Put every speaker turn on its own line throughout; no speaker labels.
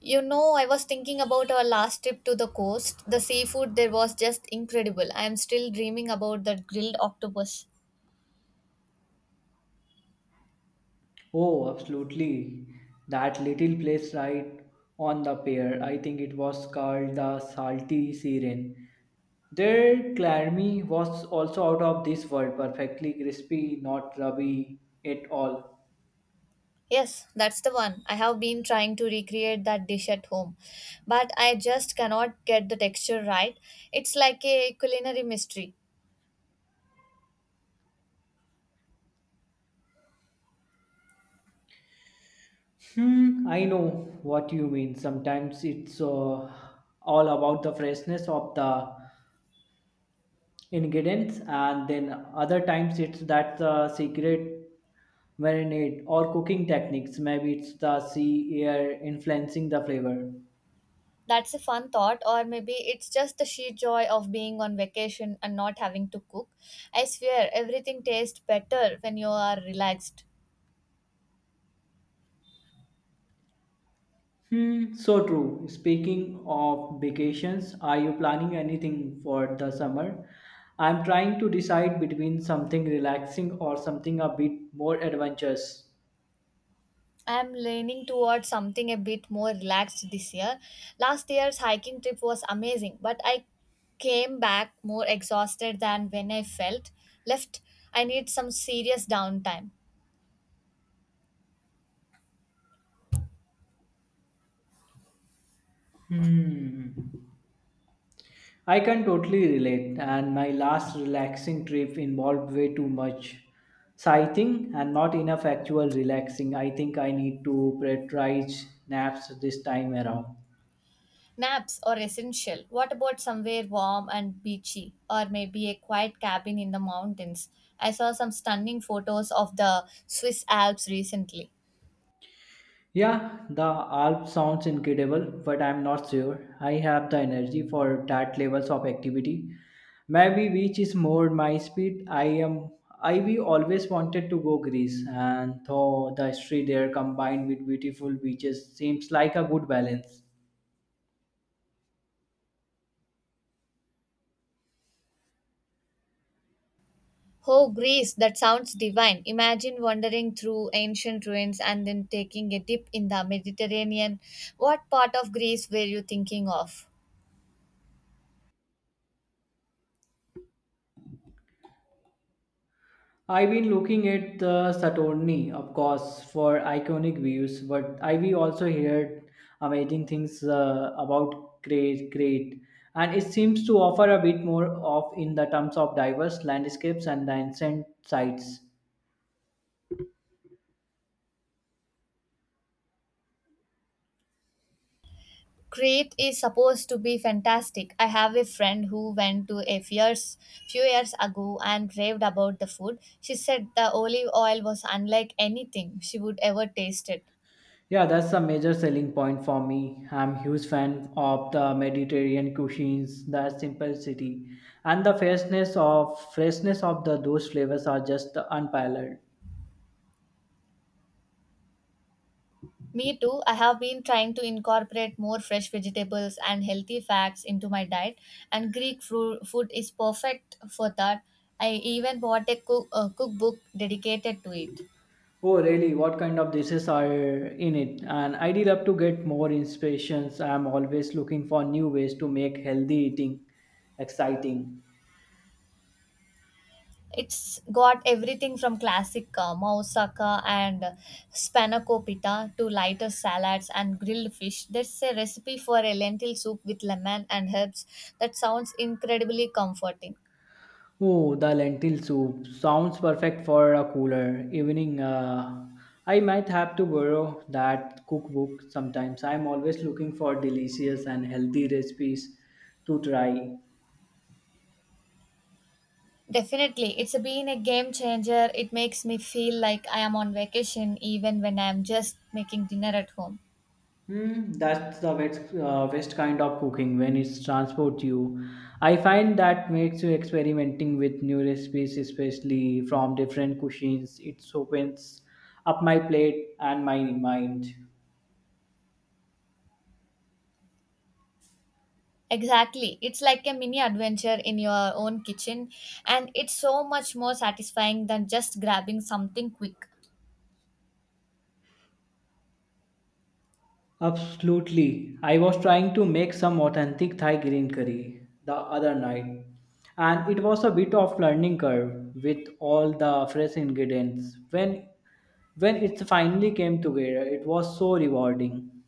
You know, I was thinking about our last trip to the coast. The seafood there was just incredible. I am still dreaming about that grilled octopus.
Oh, absolutely. That little place right on the pier, I think it was called the Salty Siren. Their clarmy was also out of this world, perfectly crispy, not rubby at all.
Yes, that's the one. I have been trying to recreate that dish at home, but I just cannot get the texture right. It's like a culinary mystery.
I know what you mean. Sometimes it's all about the freshness of the ingredients, and then other times it's that the secret marinade or cooking techniques. Maybe it's the sea air influencing the flavor.
That's a fun thought, or maybe it's just the sheer joy of being on vacation and not having to cook. I swear, everything tastes better when you are relaxed.
So true. Speaking of vacations, are you planning anything for the summer? I'm trying to decide between something relaxing or something a bit more adventurous.
I'm leaning towards something a bit more relaxed this year. Last year's hiking trip was amazing, but I came back more exhausted than when I felt left. I need some serious downtime.
hmm I can totally relate, and my last relaxing trip involved way too much sighting and not enough actual relaxing. I think I need to prioritize naps this time around.
Naps are essential. What about somewhere warm and beachy, or maybe a quiet cabin in the mountains? I saw some stunning photos of the Swiss Alps recently.
Yeah, the Alp sounds incredible, but I'm not sure I have the energy for that levels of activity. Maybe beach is more my speed. I am. I we always wanted to go Greece, and though the history there combined with beautiful beaches seems like a good balance.
Oh, Greece, that sounds divine. Imagine wandering through ancient ruins and then taking a dip in the Mediterranean. What part of Greece were you thinking of?
I've been looking at the Saturni, of course, for iconic views, but I've also heard amazing things about Crete, and it seems to offer a bit more of in the terms of diverse landscapes and the ancient sites.
Crete is supposed to be fantastic. I have a friend who went to few years ago and raved about the food. She said the olive oil was unlike anything she would ever tasted.
Yeah, that's a major selling point for me. I'm huge fan of the Mediterranean cuisines, the simplicity, and the freshness of the those flavors are just unparalleled.
Me too. I have been trying to incorporate more fresh vegetables and healthy fats into my diet, and food is perfect for that. I even bought a cookbook dedicated to it.
Oh, really? What kind of dishes are in it? And I'd love to get more inspirations. I'm always looking for new ways to make healthy eating exciting.
It's got everything from classic moussaka and spanakopita to lighter salads and grilled fish. There's a recipe for a lentil soup with lemon and herbs that sounds incredibly comforting.
Oh, the lentil soup sounds perfect for a cooler evening. I might have to borrow that cookbook sometimes. I'm always looking for delicious and healthy recipes to try.
Definitely. It's been a game changer. It makes me feel like I am on vacation even when I am just making dinner at home.
That's the best, best kind of cooking when it transports you. I find that makes you experimenting with new recipes, especially from different cuisines. It opens up my plate and my mind.
Exactly. It's like a mini adventure in your own kitchen, and it's so much more satisfying than just grabbing something quick.
Absolutely. I was trying to make some authentic Thai green curry the other night, and it was a bit of learning curve with all the fresh ingredients. When it finally came together, it was so rewarding.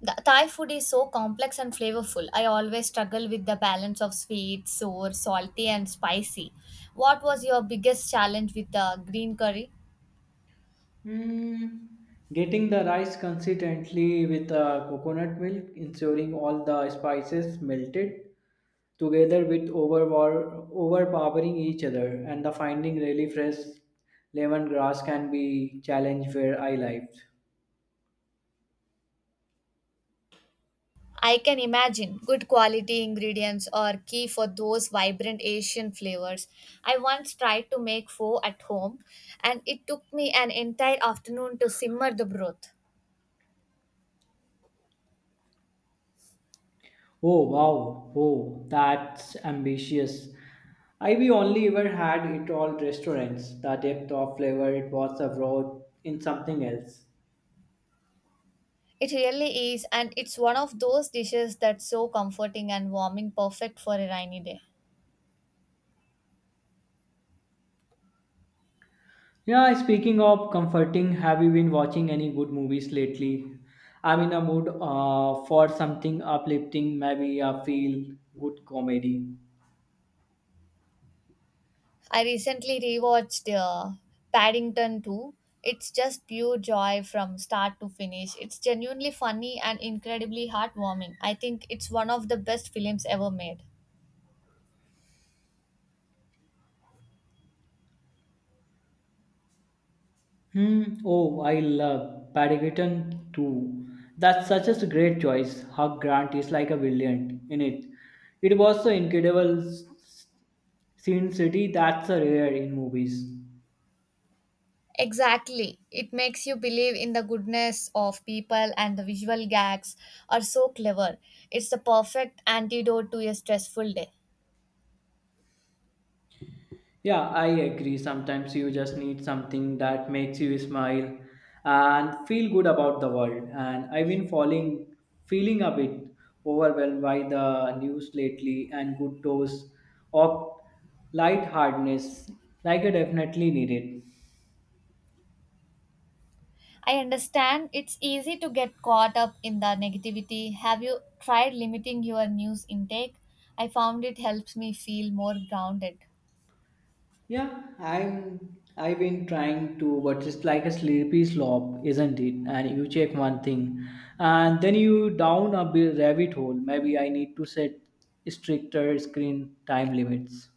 The Thai food is so complex and flavorful. I always struggle with the balance of sweet, sour, salty, and spicy. What was your biggest challenge with the green curry?
Mm, getting the rice consistently with coconut milk, ensuring all the spices melted together with overpowering each other, and the finding really fresh lemongrass can be challenge where I lived.
I can imagine good quality ingredients are key for those vibrant Asian flavors. I once tried to make pho at home and it took me an entire afternoon to simmer the broth.
Oh wow, oh that's ambitious. I we only ever had it all restaurants. The depth of flavor it was abroad in something else.
It really is, and it's one of those dishes that's so comforting and warming, perfect for a rainy day.
Yeah, speaking of comforting, have you been watching any good movies lately? I'm in a mood for something uplifting, maybe a feel good comedy.
I recently rewatched Paddington 2. It's just pure joy from start to finish. It's genuinely funny and incredibly heartwarming. I think it's one of the best films ever made.
Hmm. Oh, I love Paddington too. That's such a great choice. Hugh Grant is like a villain in it. It was so incredible scene city that's a rare in movies.
Exactly. It makes you believe in the goodness of people, and the visual gags are so clever. It's the perfect antidote to a stressful day.
Yeah, I agree. Sometimes you just need something that makes you smile and feel good about the world. And I've been feeling a bit overwhelmed by the news lately and good dose of lightheartedness. Like I definitely need it.
I understand it's easy to get caught up in the negativity. Have you tried limiting your news intake? I found it helps me feel more grounded.
Yeah, I've been trying to, but it's like a slippery slope, isn't it? And you check one thing, and then you down a bit rabbit hole. Maybe I need to set stricter screen time limits.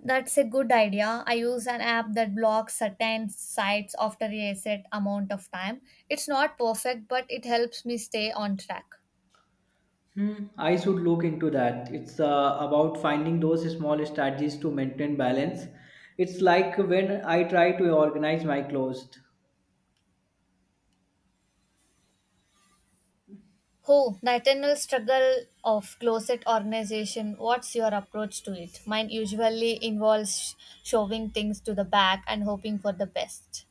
That's a good idea. I use an app that blocks certain sites after a set amount of time. It's not perfect, but it helps me stay on track.
I should look into that. It's about finding those small strategies to maintain balance. It's like when I try to organize my clothes.
Oh, the eternal struggle of closet organization. What's your approach to it? Mine usually involves shoving things to the back and hoping for the best.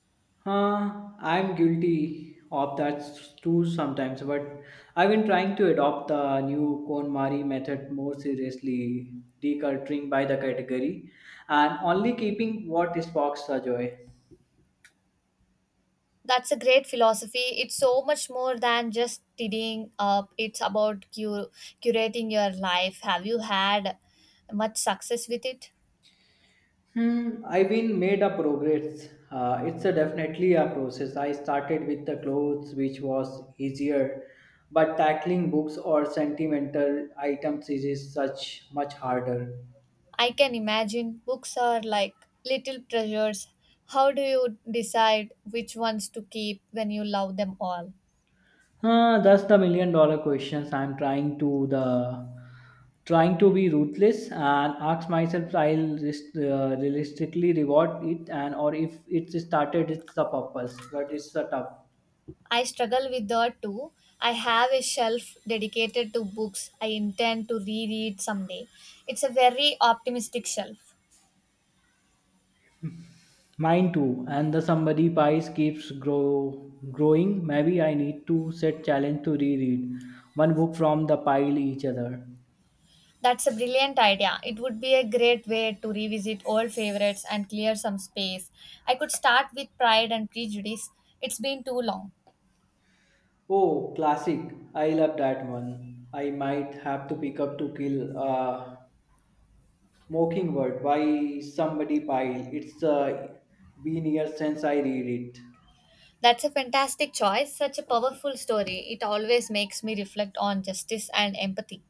Huh, I'm guilty of that too sometimes, but I've been trying to adopt the new KonMari method more seriously, decluttering by the category and only keeping what sparks the joy.
That's a great philosophy. It's so much more than just tidying up, it's about curating your life. Have you had much success with it?
I've been made a progress. It's a definitely a process. I started with the clothes, which was easier, but tackling books or sentimental items is such much harder.
I can imagine books are like little treasures. How do you decide which ones to keep when you love them all?
That's the million dollar questions I'm trying to the trying to be ruthless and ask myself I'll rest, realistically reward it and or if it started it's the purpose but it's a tough
I struggle with that too. I have a shelf dedicated to books I intend to reread someday. It's a very optimistic shelf.
mine too and the somebody pies keeps growing. Maybe I need to set challenge to reread one book from the pile each other.
That's a brilliant idea. It would be a great way to revisit old favorites and clear some space. I could start with Pride and Prejudice. It's been too long.
Oh, classic. I love that one. I might have to pick up to kill. Mockingbird by somebody Pyle. It's been years since I read it.
That's a fantastic choice. Such a powerful story. It always makes me reflect on justice and empathy.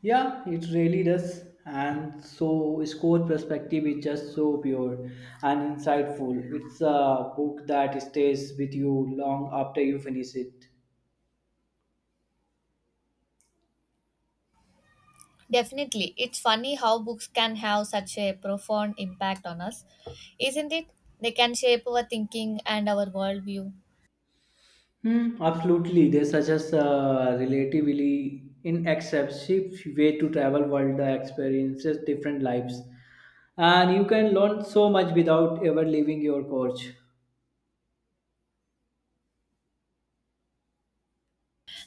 Yeah, it really does. And so score perspective is just so pure and insightful. It's a book that stays with you long after you finish it.
Definitely. It's funny how books can have such a profound impact on us, isn't it? They can shape our thinking and our worldview.
Absolutely. There's such a relatively inexpensive way to travel world the experiences different lives. And you can learn so much without ever leaving your couch.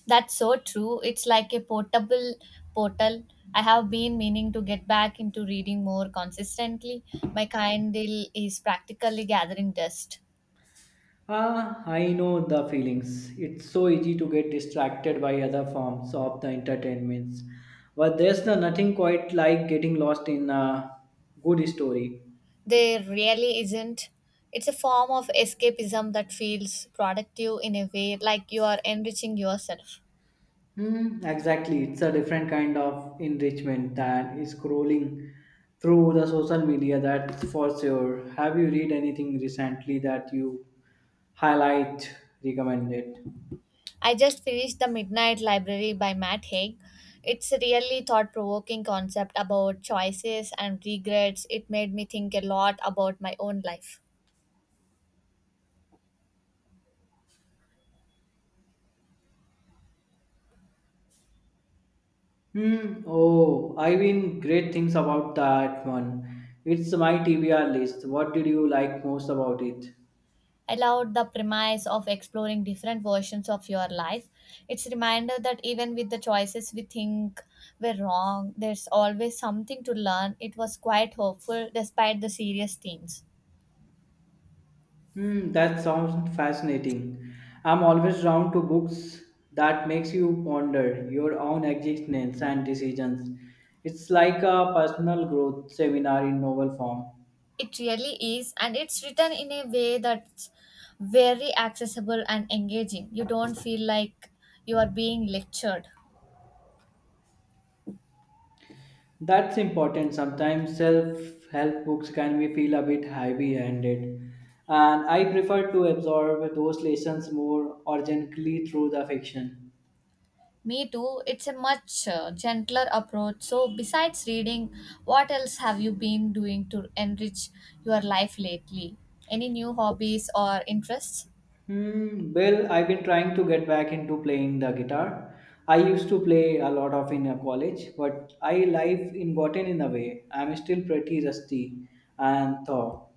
That's so true. It's like a portable portal. I have been meaning to get back into reading more consistently. My Kindle is practically gathering dust.
Ah, I know the feelings. It's so easy to get distracted by other forms of the entertainments. But there's nothing quite like getting lost in a good story.
There really isn't. It's a form of escapism that feels productive in a way like you are enriching yourself.
Exactly. It's a different kind of enrichment than scrolling through the social media, that's for sure. Have you read anything recently that you highlight recommended?
I just finished The Midnight Library by Matt Haig. It's a really thought provoking concept about choices and regrets. It made me think a lot about my own life.
Hmm. Oh, I've been great things about that one. It's my TBR list. What did you like most about it?
I loved the premise of exploring different versions of your life. It's a reminder that even with the choices we think were wrong, there's always something to learn. It was quite hopeful despite the serious themes.
Hmm. That sounds fascinating. I'm always drawn to books that makes you ponder your own existence and decisions. It's like a personal growth seminar in novel form.
It really is, and it's written in a way that's very accessible and engaging. You don't feel like you are being lectured.
That's important. Sometimes self help books can be feel a bit heavy handed. And I prefer to absorb those lessons more organically through the fiction.
Me too, it's a much gentler approach. So, besides reading, what else have you been doing to enrich your life lately? Any new hobbies or interests?
Well, I've been trying to get back into playing the guitar. I used to play a lot of in college, but I life in gotten in the way. I'm still pretty rusty and thought.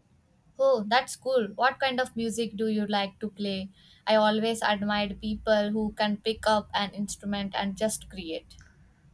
Oh, that's cool. What kind of music do you like to play? I always admired people who can pick up an instrument and just create.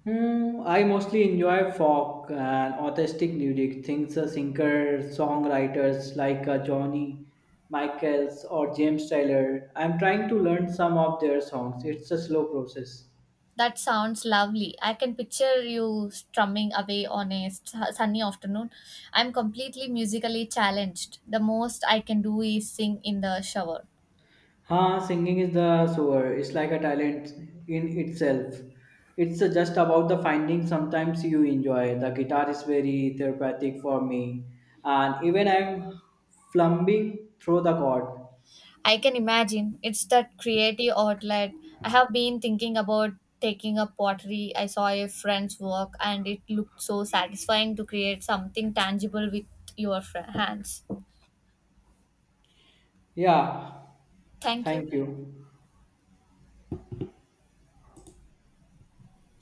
I mostly enjoy folk and artistic music, things singers, songwriters like Johnny Michaels or James Taylor. I'm trying to learn some of their songs. It's a slow process.
That sounds lovely. I can picture you strumming away on a sunny afternoon. I'm completely musically challenged. The most I can do is sing in the shower.
Huh, singing is the sewer. It's like a talent in itself. It's just about the finding sometimes you enjoy. The guitar is very therapeutic for me. And even I'm flumbing through the chord.
I can imagine. It's that creative outlet. I have been thinking about taking up pottery. I saw a friend's work and it looked so satisfying to create something tangible with your hands.
Yeah,
Thank you.
thank you.